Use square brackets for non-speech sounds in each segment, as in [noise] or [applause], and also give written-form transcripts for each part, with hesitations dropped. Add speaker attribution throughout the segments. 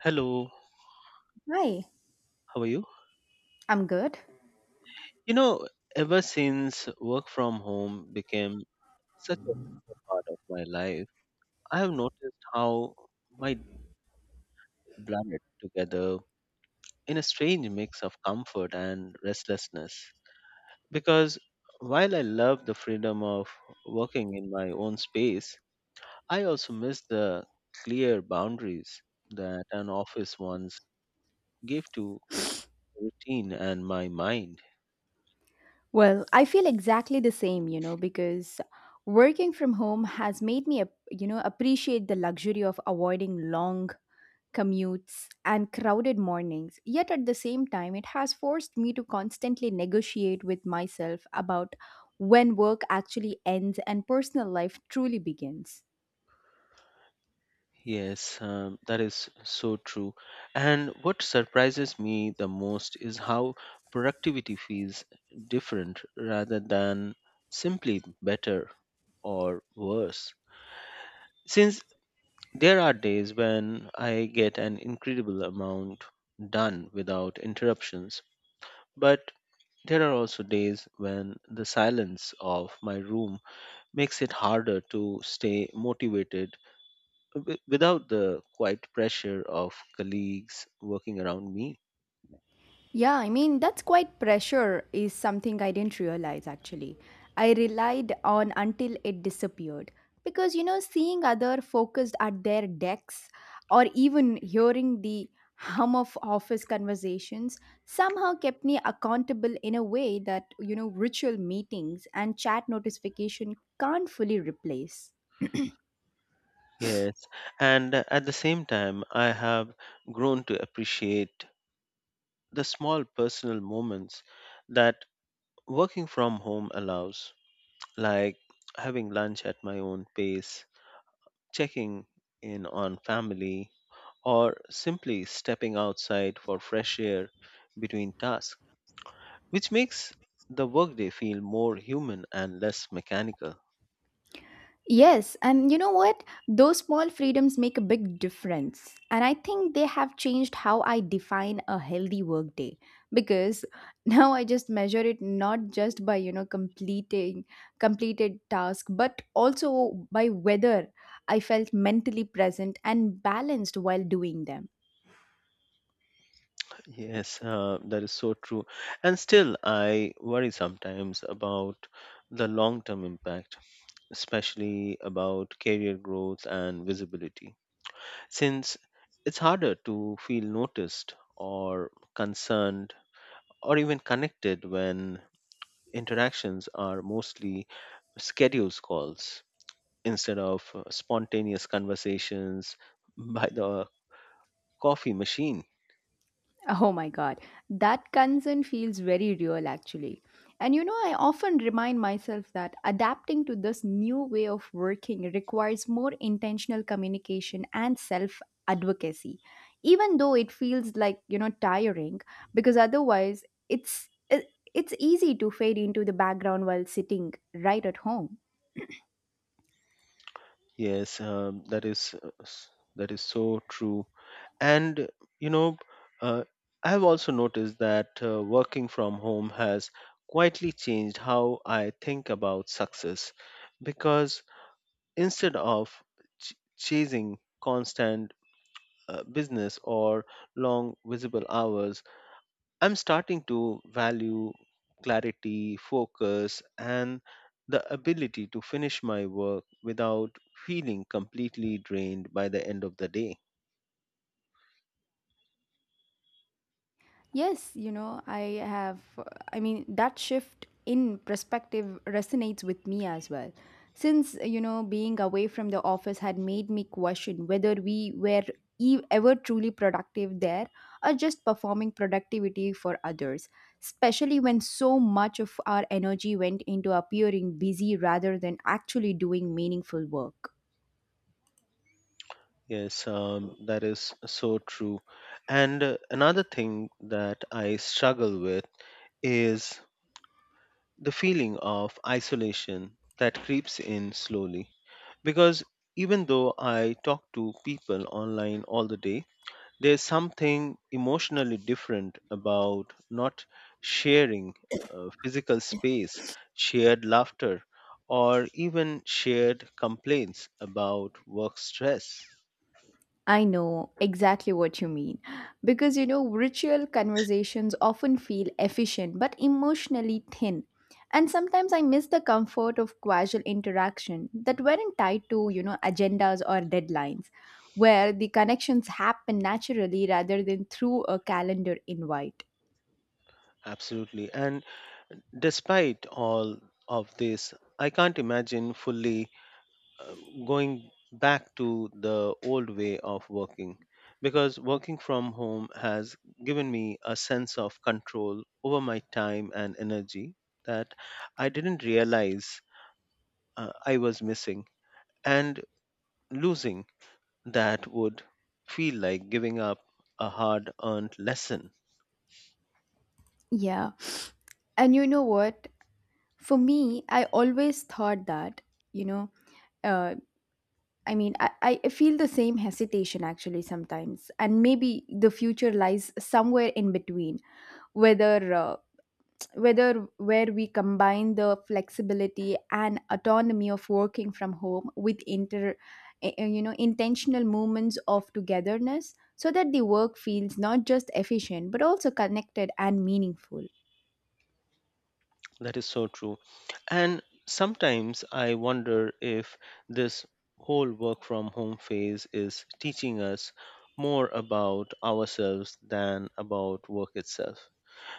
Speaker 1: Hello,
Speaker 2: Hi,
Speaker 1: how are you?
Speaker 2: I'm good.
Speaker 1: You know, ever since work from home became such a regular part of my life, I have noticed how my days blended together in a strange mix of comfort and restlessness. Because while I love the freedom of working in my own space, I also miss the clear boundaries that an office once gave to routine and my mind.
Speaker 2: Well, I feel exactly the same, you know, because working from home has made me, appreciate the luxury of avoiding long commutes and crowded mornings. Yet at the same time, it has forced me to constantly negotiate with myself about when work actually ends and personal life truly begins.
Speaker 1: Yes, that is so true. And what surprises me the most is how productivity feels different rather than simply better or worse. Since there are days when I get an incredible amount done without interruptions, but there are also days when the silence of my room makes it harder to stay motivated without the quiet pressure of colleagues working around me.
Speaker 2: That's quite pressure is something I didn't realize actually. I relied on until it disappeared. Because, you know, seeing other focused at their decks or even hearing the hum of office conversations somehow kept me accountable in a way that, you know, ritual meetings and chat notification can't fully replace.
Speaker 1: Yes, and at the same time, I have grown to appreciate the small personal moments that working from home allows, like having lunch at my own pace, checking in on family, or simply stepping outside for fresh air between tasks, which makes the workday feel more human and less mechanical.
Speaker 2: Yes, and you know what? Those small freedoms make a big difference. And I think they have changed how I define a healthy workday because [laughs] now I just measure it not just by, you know, completing completed task, but also by whether I felt mentally present and balanced while doing them.
Speaker 1: Yes, that is so true. And still, I worry sometimes about the long term impact, especially about career growth and visibility, since it's harder to feel noticed or concerned or even connected when interactions are mostly schedules calls instead of spontaneous conversations [laughs] by the coffee machine.
Speaker 2: Oh my God, that concern feels very real actually. And you know, I often remind myself that adapting to this new way of working requires more intentional communication and self advocacy, even though it feels like, you know, tiring, because otherwise it's easy to fade into the background while sitting right at home.
Speaker 1: Yes, that is so true. And you know, uh, I have also noticed that working from home has quietly changed how I think about success because instead of chasing constant business or long visible hours, I'm starting to value clarity, focus, and the ability to finish my work without feeling completely drained by the end of the day.
Speaker 2: Yes, you know, I mean, that shift in perspective resonates with me as well. Since, you know, being away from the office had made me question whether we were ever truly productive there or just performing productivity for others, especially when so much of our energy went into appearing busy rather than actually doing meaningful work.
Speaker 1: Yes, that is so true. And another thing that I struggle with is the feeling of isolation that creeps in slowly. Because even though I talk to people online all the day, there's something emotionally different about not sharing physical space, shared laughter, or even shared complaints about work stress.
Speaker 2: I know exactly what you mean. Because you know, ritual conversations often feel efficient but emotionally thin. And sometimes I miss the comfort of casual interaction that weren't tied to, you know, agendas or deadlines, where the connections happen naturally rather than through a calendar invite.
Speaker 1: Absolutely. And despite all of this, I can't imagine fully uh, going back to the old way of working because working from home has given me a sense of control over my time and energy that I didn't realize I was missing, and losing that would feel like giving up a hard earned lesson.
Speaker 2: Yeah. And you know what? For me, I always thought that, you know, uh, I mean, I, I feel the same hesitation actually sometimes, and maybe the future lies somewhere in between, whether uh, whether where we combine the flexibility and autonomy of working from home with inter, eh, eh, you know, intentional moments of togetherness, so that the work feels not just efficient but also connected and meaningful.
Speaker 1: That is so true. And sometimes I wonder if this whole work from home phase is teaching us more about ourselves than about work itself.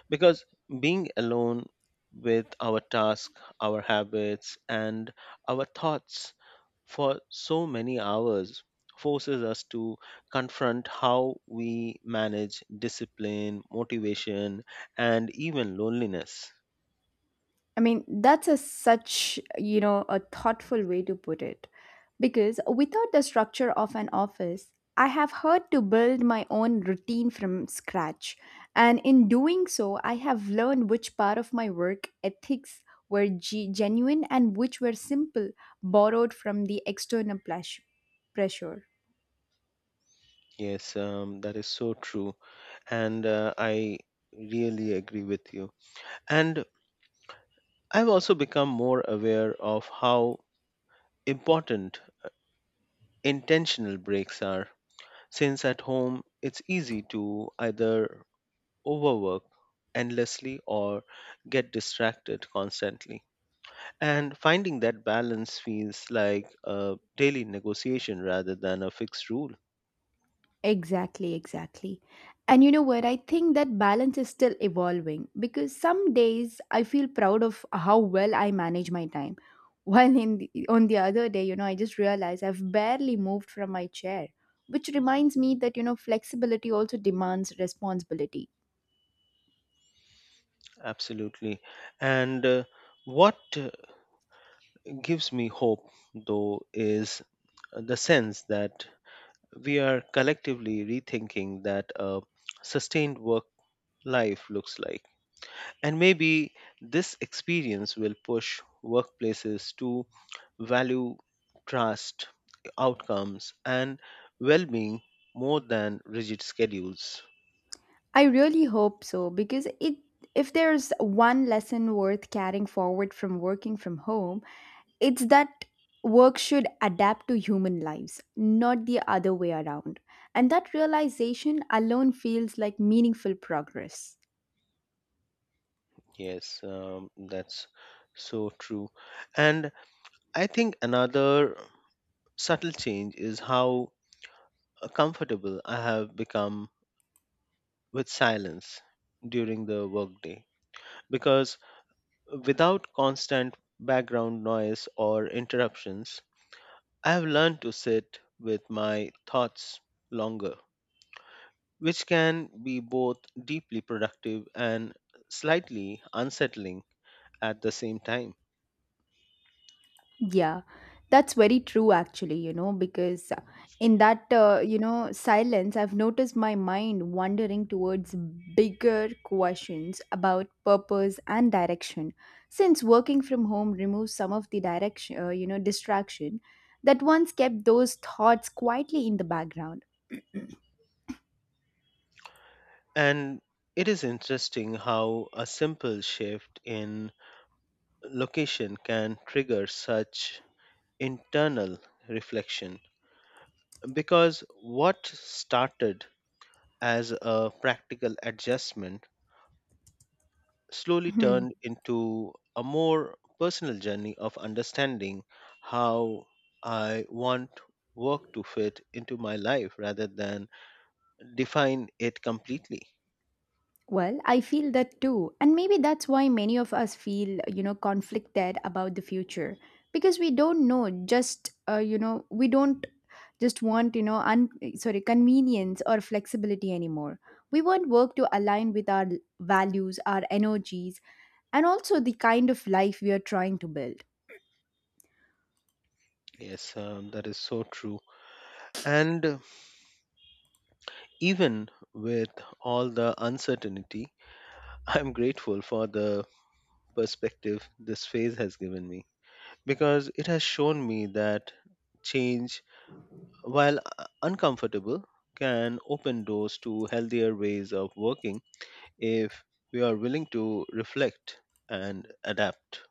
Speaker 1: Because being alone with our task, our habits, and our thoughts for so many hours forces us to confront how we manage discipline, motivation, and even loneliness.
Speaker 2: I mean, that's a such, you know, a thoughtful way to put it. Because without the structure of an office, I have had to build my own routine from scratch. And in doing so, I have learned which part of my work ethics were genuine and which were simple, borrowed from the external pressure.
Speaker 1: Yes, that is so true. And I really agree with you. And I've also become more aware of how important intentional breaks are, since at home it's easy to either overwork endlessly or get distracted constantly. And finding that balance feels like a daily negotiation rather than a fixed rule.
Speaker 2: Exactly, exactly. And you know what? I think that balance is still evolving because some days I feel proud of how well I manage my time. [laughs] While on the other day, you know, I just realized I've barely moved from my chair, which reminds me that, you know, flexibility also demands responsibility.
Speaker 1: Absolutely. And what gives me hope, though, is the sense that we are collectively rethinking that a sustained work life looks like. And maybe this experience will push workplaces to value trust, outcomes, and well being more than rigid schedules.
Speaker 2: I really hope so because it if there's one lesson worth carrying forward from working from home, it's that work should adapt to human lives, not the other way around. And that realization alone feels like meaningful progress.
Speaker 1: Yes, that's so true. And I think another subtle change is how comfortable I have become with silence during the workday, because without constant background noise or interruptions, I have learned to sit with my thoughts longer, which can be both deeply productive and slightly unsettling at the same time.
Speaker 2: Yeah, that's very true, actually, you know, because you know, silence, I've noticed my mind wandering towards bigger questions about purpose and direction. Since working from home removes some of the distraction that once kept those thoughts quietly in the background.
Speaker 1: And it is interesting how a simple shift in location can trigger such internal reflection. Because what started as a practical adjustment slowly turned
Speaker 2: [laughs]
Speaker 1: into a more personal journey of understanding how I want work to fit into my life rather than define it completely.
Speaker 2: Well, I feel that too. And maybe that's why many of us feel, you know, conflicted about the future because we don't just want, you know, sorry, convenience or flexibility anymore. We want work to align with our values, our energies, and also the kind of life we are trying to build.
Speaker 1: Yes, that is so true. And even with all the uncertainty, [laughs] I'm grateful for the perspective this phase has given me because it has shown me that change, while uncomfortable, can open doors to healthier ways of working if we are willing to reflect and adapt.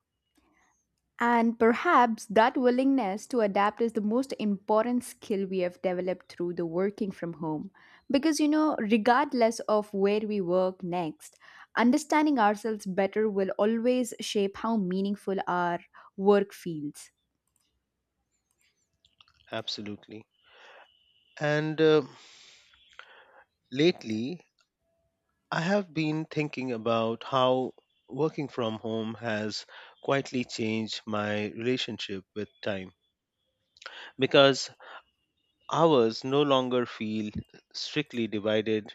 Speaker 2: And perhaps that willingness to adapt is the most important skill we have developed through the working from home. Because, you know, regardless of where we work next, understanding ourselves better will always shape how meaningful our work feels.
Speaker 1: Absolutely. And lately, I have been thinking about how working from home has quietly changed my relationship with time, because hours no longer feel strictly divided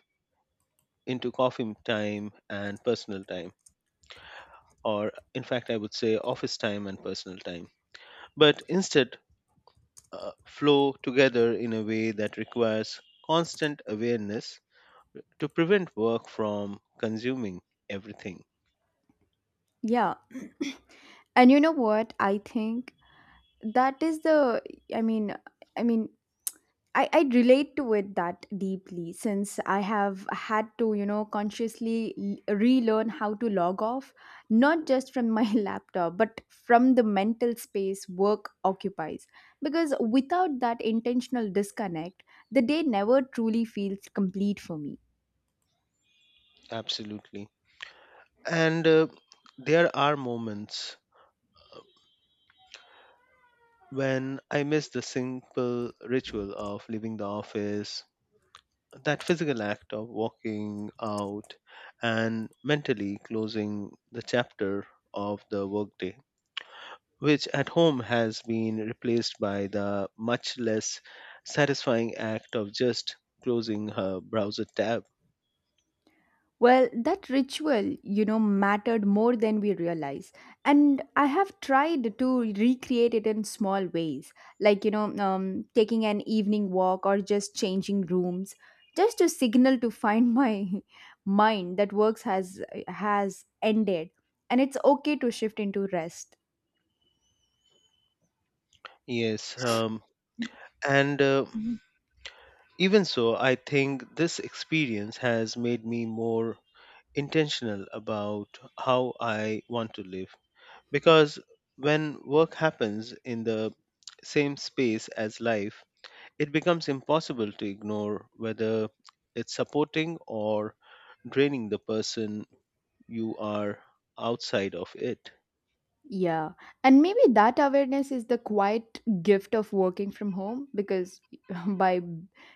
Speaker 1: into coffee time and personal time, or in fact, I would say office time and personal time, but instead flow together in a way that requires constant awareness to prevent work from consuming everything.
Speaker 2: Yeah. And you know what? I think that is the, I mean, I mean, I relate to it that deeply since I have had to, you know, consciously relearn how to log off, not just from my [laughs] laptop, but from the mental space work occupies. Because without that intentional disconnect, the day never truly feels complete for me.
Speaker 1: Absolutely. And there are moments when I miss the simple ritual of leaving the office, that physical act of walking out and mentally closing the chapter of the workday, which at home has been replaced by the much less satisfying act of just closing her browser tab.
Speaker 2: Well, that ritual, you know, mattered more than we realize. And I have tried to recreate it in small ways, like, you know, taking an evening walk or just changing rooms, just to signal to find my [laughs] mind that works has ended and it's okay to shift into rest.
Speaker 1: Yes, and
Speaker 2: Mm-hmm.
Speaker 1: even so, I think this experience has made me more intentional about how I want to live. Because when work happens in the same space as life, it becomes impossible to ignore whether it's supporting or draining the person you are outside of it.
Speaker 2: Yeah. And maybe that awareness is the quiet gift of working from home because [laughs] by,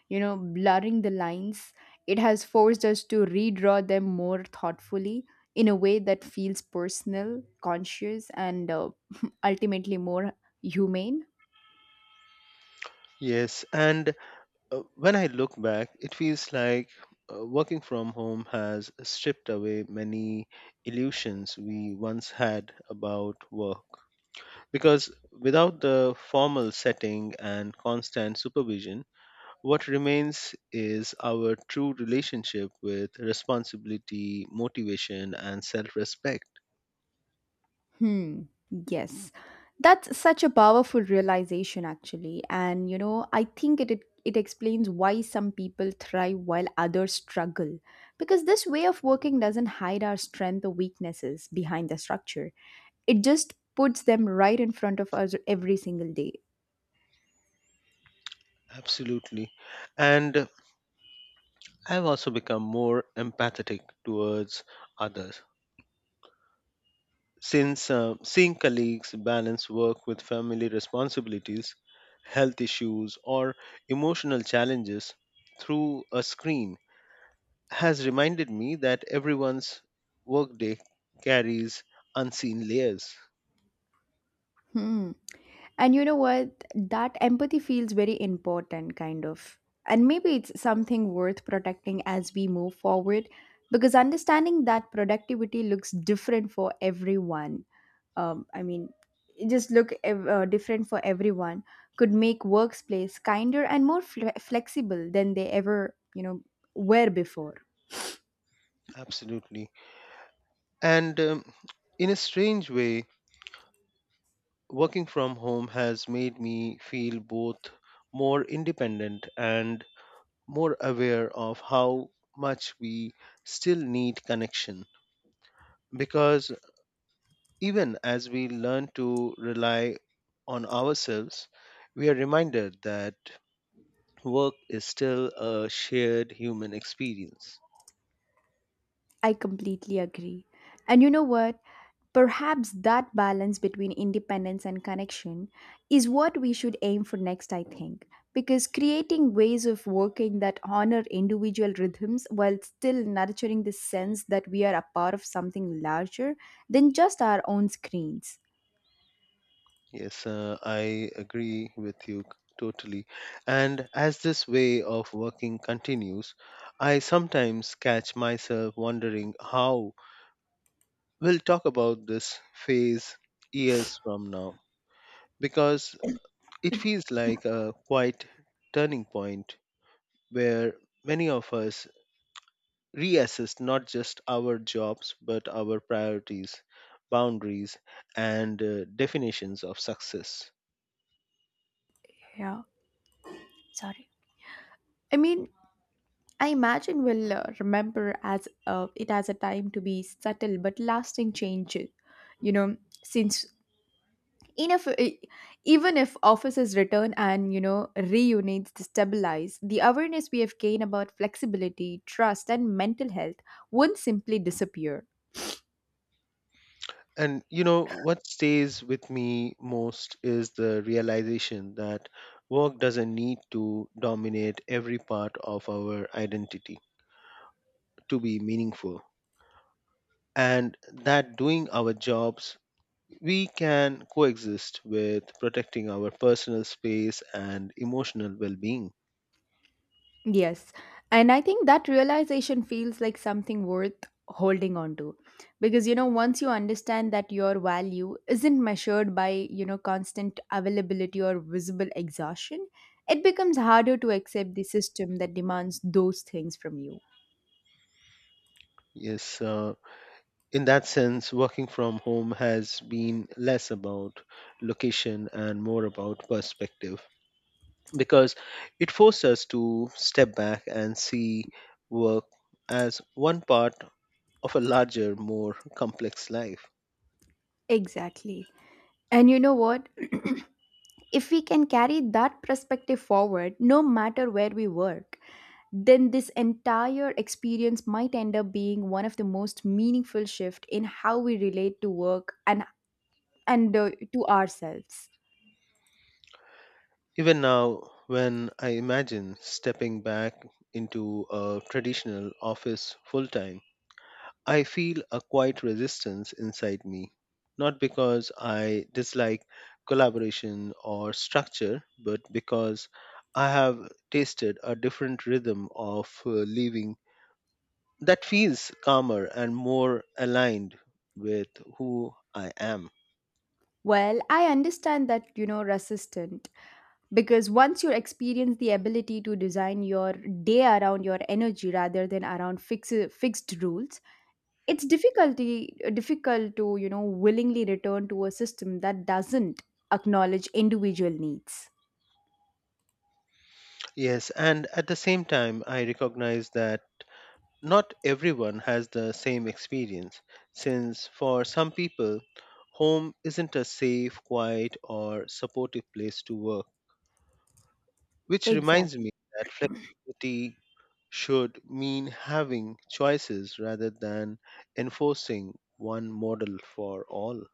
Speaker 2: you know, blurring the lines, it has forced us to redraw them more thoughtfully in a way that feels personal, conscious, and [laughs] ultimately more humane.
Speaker 1: Yes, and when I look back, it feels like working from home has stripped away many illusions we once had about work. Because without the formal setting and constant supervision, what remains is our true relationship with responsibility, motivation, and self respect.
Speaker 2: Hmm. Yes. That's such a powerful realization actually. And you know, I think it explains why some people thrive while others struggle. Because this way of working doesn't hide our strength or weaknesses behind the structure. It just puts them right in front of us every single day.
Speaker 1: Absolutely. And I've also become more empathetic towards others. Since seeing colleagues balance work with family responsibilities, health issues, or emotional challenges through a screen has reminded me that everyone's workday carries unseen layers.
Speaker 2: Hmm. And you know what? That empathy feels very important, kind of. And maybe it's something worth protecting as we move forward, because understanding that productivity looks different for everyone. Um, I mean, different for everyone could make workplace kinder and more flexible than they ever, you know, were before.
Speaker 1: Absolutely. And in a strange way, working from home has made me feel both more independent and more aware of how much we still need connection. Because even as we learn to rely on ourselves, we are reminded that work is still a shared human experience.
Speaker 2: I completely agree. And you know what? Perhaps that balance between independence and connection is what we should aim for next, I think, because creating ways of working that honor individual rhythms while still nurturing the sense that we are a part of something larger than just our own screens.
Speaker 1: Yes, I agree with you totally. And as this way of working continues, I sometimes catch myself wondering how we'll talk about this phase years from now, because it feels like a quite turning point where many of us reassess not just our jobs but our priorities, boundaries, and definitions of success.
Speaker 2: Yeah, sorry. I mean, I imagine we'll remember as it as a time to be subtle but lasting changes. You know, since in a f- e- even if offices return and you know reunions destabilize the awareness we have gained about flexibility trust and mental health won't simply disappear.
Speaker 1: And you know what stays with me most is the realization that work doesn't need to dominate every part of our identity to be meaningful. And that doing our jobs, we can coexist with protecting our personal space and emotional well being.
Speaker 2: Yes, and I think that realization feels like something worth holding on to because you know once you understand that your value isn't measured by you know constant availability or visible exhaustion it becomes harder to accept the system that demands those things from you.
Speaker 1: Yes, in that sense, working from home has been less about location and more about perspective, because it forced us to step back and see work as one part of a larger, more complex life.
Speaker 2: Exactly, and you know what? If we can carry that perspective forward, no matter where we work, then this entire experience might end up being one of the most meaningful shift in how we relate to work and to ourselves.
Speaker 1: Even now, when I imagine stepping back into a traditional office full time, I feel a quiet resistance inside me. Not because I dislike collaboration or structure, but because I have tasted a different rhythm of living that feels calmer and more aligned with who I am.
Speaker 2: Well, I understand that you know resistant because once you experience the ability to design your day around your energy rather than around fixed rules, it's difficult to you know willingly return to a system that doesn't acknowledge individual needs.
Speaker 1: Yes, and at the same time, I recognize that not everyone has the same experience, since for some people, home isn't a safe, quiet, or supportive place to work, which reminds me
Speaker 2: Exactly.
Speaker 1: that flexibility should mean having choices rather than enforcing one model for all.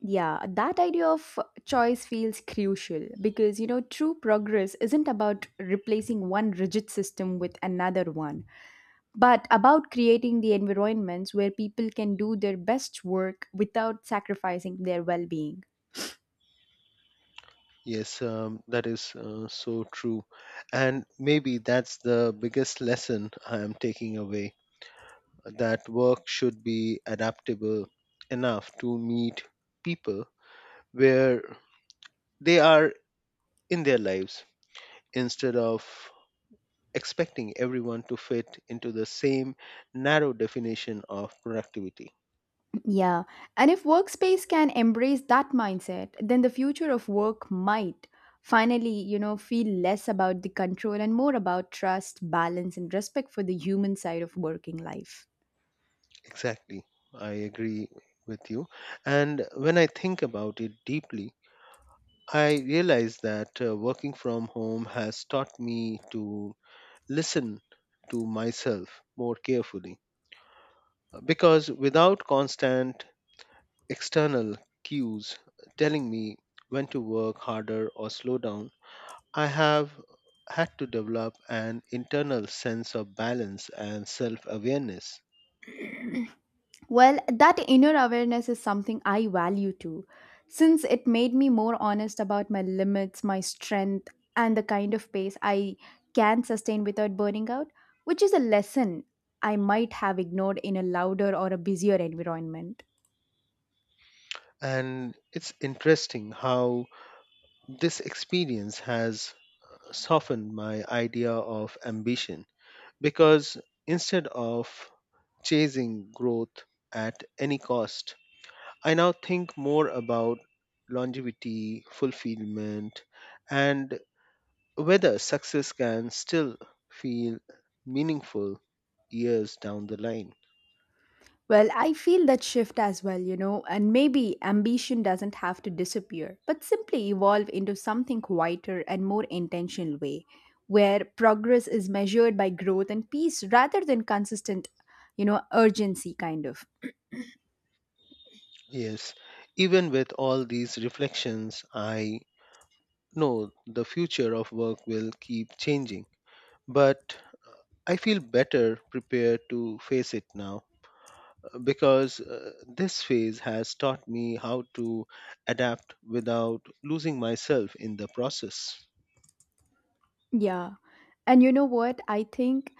Speaker 2: Yeah, that idea of choice feels crucial because you know true progress isn't about replacing one rigid system with another one but about creating the environments where people can do their best work without sacrificing their well-being.
Speaker 1: Yes, that is so true. And maybe that's the biggest lesson I am taking away, that work should be adaptable enough to meet people where they are in their lives instead of expecting everyone to fit into the same narrow definition of productivity.
Speaker 2: Yeah, and if workspace can embrace that mindset, then the future of work might finally, you know, feel less about the control and more about trust, balance, and respect for the human side of working life.
Speaker 1: Exactly. I agree with you. And when I think about it deeply, I realize that working from home has taught me to listen to myself more carefully, because without constant external cues telling me when to work harder or slow down, I have had to develop an internal sense of balance and self awareness.
Speaker 2: Well, that inner awareness is something I value too, since it made me more honest about my limits, my strength, and the kind of pace I can sustain without burning out, which is a lesson I might have ignored in a louder or a busier environment.
Speaker 1: And it's interesting how this experience has softened my idea of ambition, because instead of chasing growth at any cost, I now think more about longevity, fulfillment, and whether success can still feel meaningful years down the line.
Speaker 2: Well, I feel that shift as well, you know, and maybe ambition doesn't have to disappear, but simply evolve into something quieter and more intentional way, where progress is measured by growth and peace rather than consistent, you know, urgency kind of.
Speaker 1: Yes, even with all these reflections, I know the future of work will keep changing, but I feel better prepared to face it now because this phase has taught me how to adapt without losing myself in the process.
Speaker 2: Yeah. And you know what? I think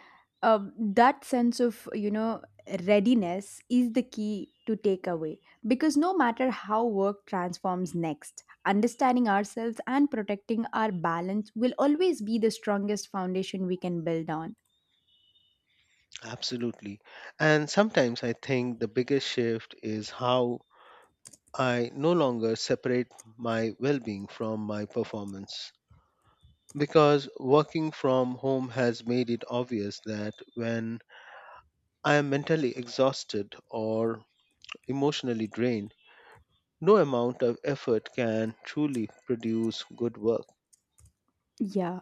Speaker 2: that sense of, you know, readiness is the key to take away because no matter how work transforms next, understanding ourselves and protecting our balance will always be the strongest foundation we can build on.
Speaker 1: Absolutely. And sometimes I think the biggest shift is how I no longer separate my well being from my performance. Because working from home has made it obvious that when I am mentally exhausted or emotionally drained, no amount of effort can truly produce good work.
Speaker 2: Yeah.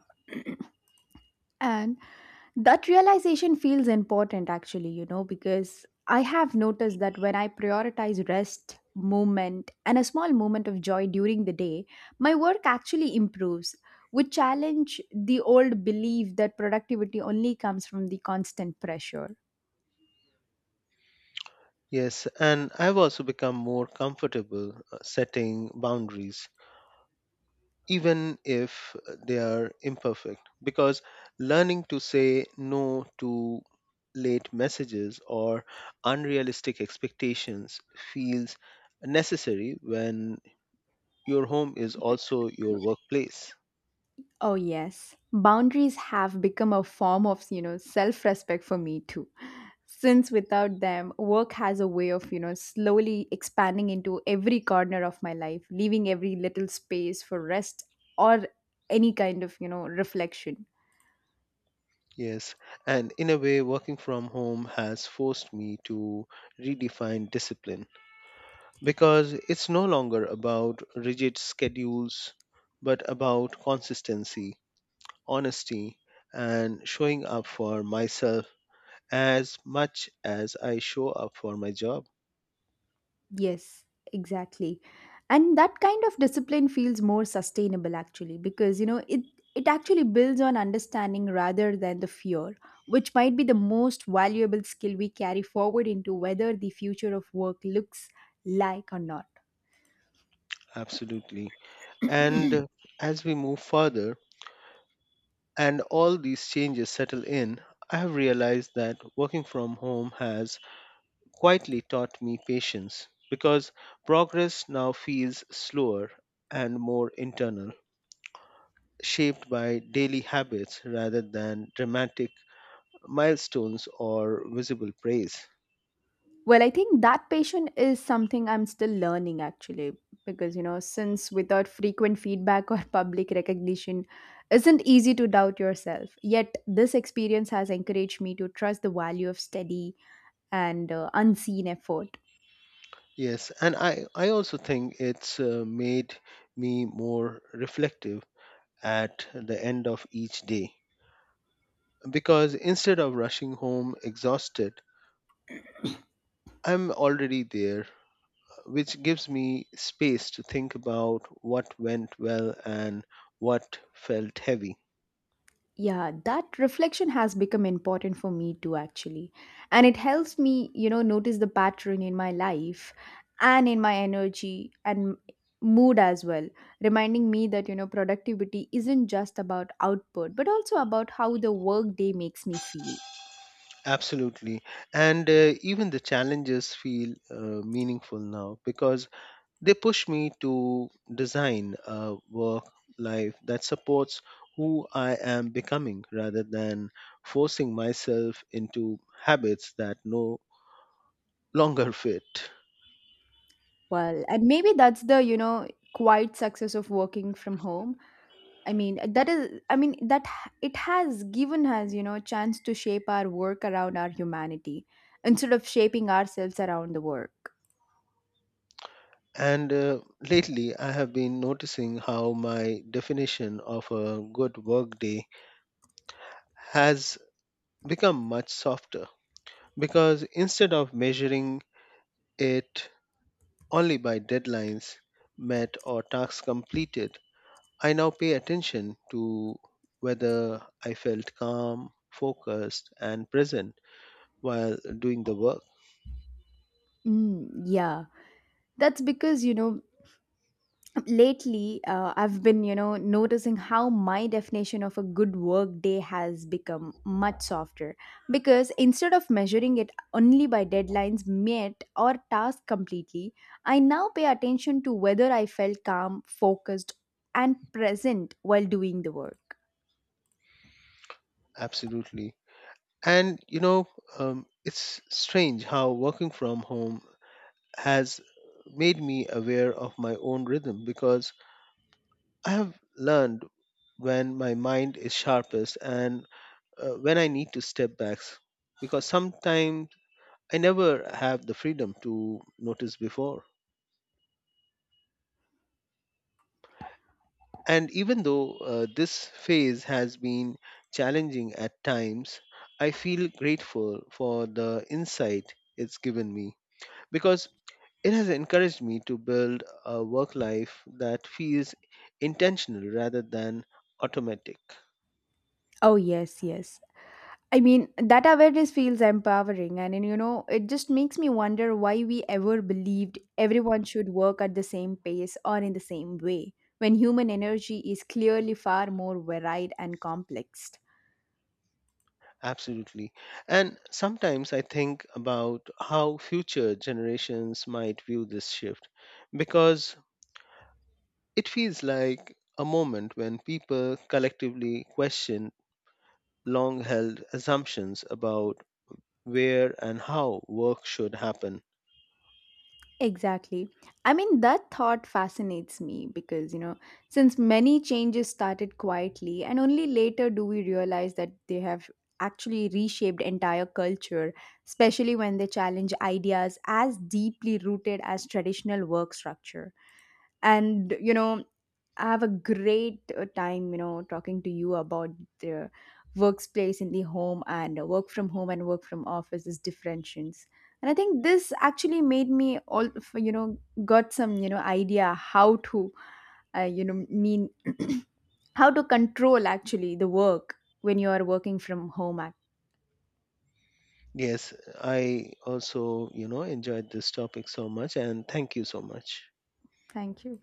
Speaker 2: And that realization feels important actually, you know, because I have noticed that when I prioritize rest, movement, and a small moment of joy during the day, my work actually improves, which challenge the old belief that productivity only comes from the constant pressure.
Speaker 1: Yes, and I've also become more comfortable setting boundaries, even if they are imperfect, because learning to say no to late messages or unrealistic expectations feels necessary when your home is also your workplace.
Speaker 2: Oh, yes. Boundaries have become a form of, you know, self respect for me too. Since without them, work has a way of, you know, slowly expanding into every corner of my life, leaving every little space for rest or any kind of, you know, reflection.
Speaker 1: Yes, and in a way, working from home has forced me to redefine discipline, because it's no longer about rigid schedules, but about consistency, honesty, and showing up for myself as much as I show up for my job.
Speaker 2: Yes, exactly. And that kind of discipline feels more sustainable actually because you know it actually builds on understanding rather than the fear, which might be the most valuable skill we carry forward into whether the future of work looks like or not.
Speaker 1: Absolutely. And as we move further and all these changes settle in, I have realized that working from home has quietly taught me patience, because progress now feels slower and more internal, shaped by daily habits rather than dramatic milestones or visible praise.
Speaker 2: Well, I think that patient is something I'm still learning actually because you know since without frequent feedback or [laughs] public recognition isn't easy to doubt yourself. Yet this experience has encouraged me to trust the value of steady and unseen effort.
Speaker 1: Yes, and I also think it's made me more reflective at the end of each day, because instead of rushing home exhausted, I'm already there, which gives me space to think about what went well and what felt heavy.
Speaker 2: Yeah, that reflection has become important for me too, actually. And it helps me, you know, notice the pattern in my life and in my energy and mood as well, reminding me that, you know, productivity isn't just about output, but also about how the work day makes me feel.
Speaker 1: Absolutely. And even the challenges feel meaningful now, because they push me to design a work life that supports who I am becoming rather than forcing myself into habits that no longer fit.
Speaker 2: Well, and maybe that's the, you know, quiet success of working from home. I mean, that is, I mean, that h- it has given us, you know, a chance to shape our work around our humanity instead of shaping ourselves around the work.
Speaker 1: And lately, I have been noticing how my definition of a good workday has become much softer, because instead of measuring it only by deadlines met or tasks completed. I now pay attention to whether I felt calm, focused, and present while doing the work.
Speaker 2: Mm, yeah. That's because, you know, lately I've been you know noticing how my definition of a good work day has become much softer because instead of measuring it only by deadlines met or tasks completely I now pay attention to whether I felt calm focused and present while doing the work.
Speaker 1: Absolutely. And you know, it's strange how working from home has made me aware of my own rhythm, because I have learned when my mind is sharpest and when I need to step back. Because sometimes I never have the freedom to notice before. And even though this phase has been challenging at times, I feel grateful for the insight it's given me, because it has encouraged me to build a work life that feels intentional rather than automatic.
Speaker 2: Oh yes, yes. I mean, that awareness feels empowering, and you know, it just makes me wonder why we ever believed everyone should work at the same pace or in the same way when human energy is clearly far more varied and complex.
Speaker 1: Absolutely. And sometimes I think about how future generations might view this shift, because it feels like a moment when people collectively question long held assumptions about where and how work should happen.
Speaker 2: Exactly. I mean, that thought fascinates me because, you know, since many changes started quietly, and only later do we realize that they have actually reshaped entire culture, especially when they challenge ideas as deeply rooted as traditional work structure. And, you know, I have a great time, you know, talking to you about the workspace in the home and work from home and work from office is differentiations. And I think this actually made me all, you know, got some, you know, idea how to, you know, mean [clears throat] how to control actually the work when you are working from home.
Speaker 1: Yes, I also, you know, enjoyed this topic so much, and thank you so much.
Speaker 2: Thank you.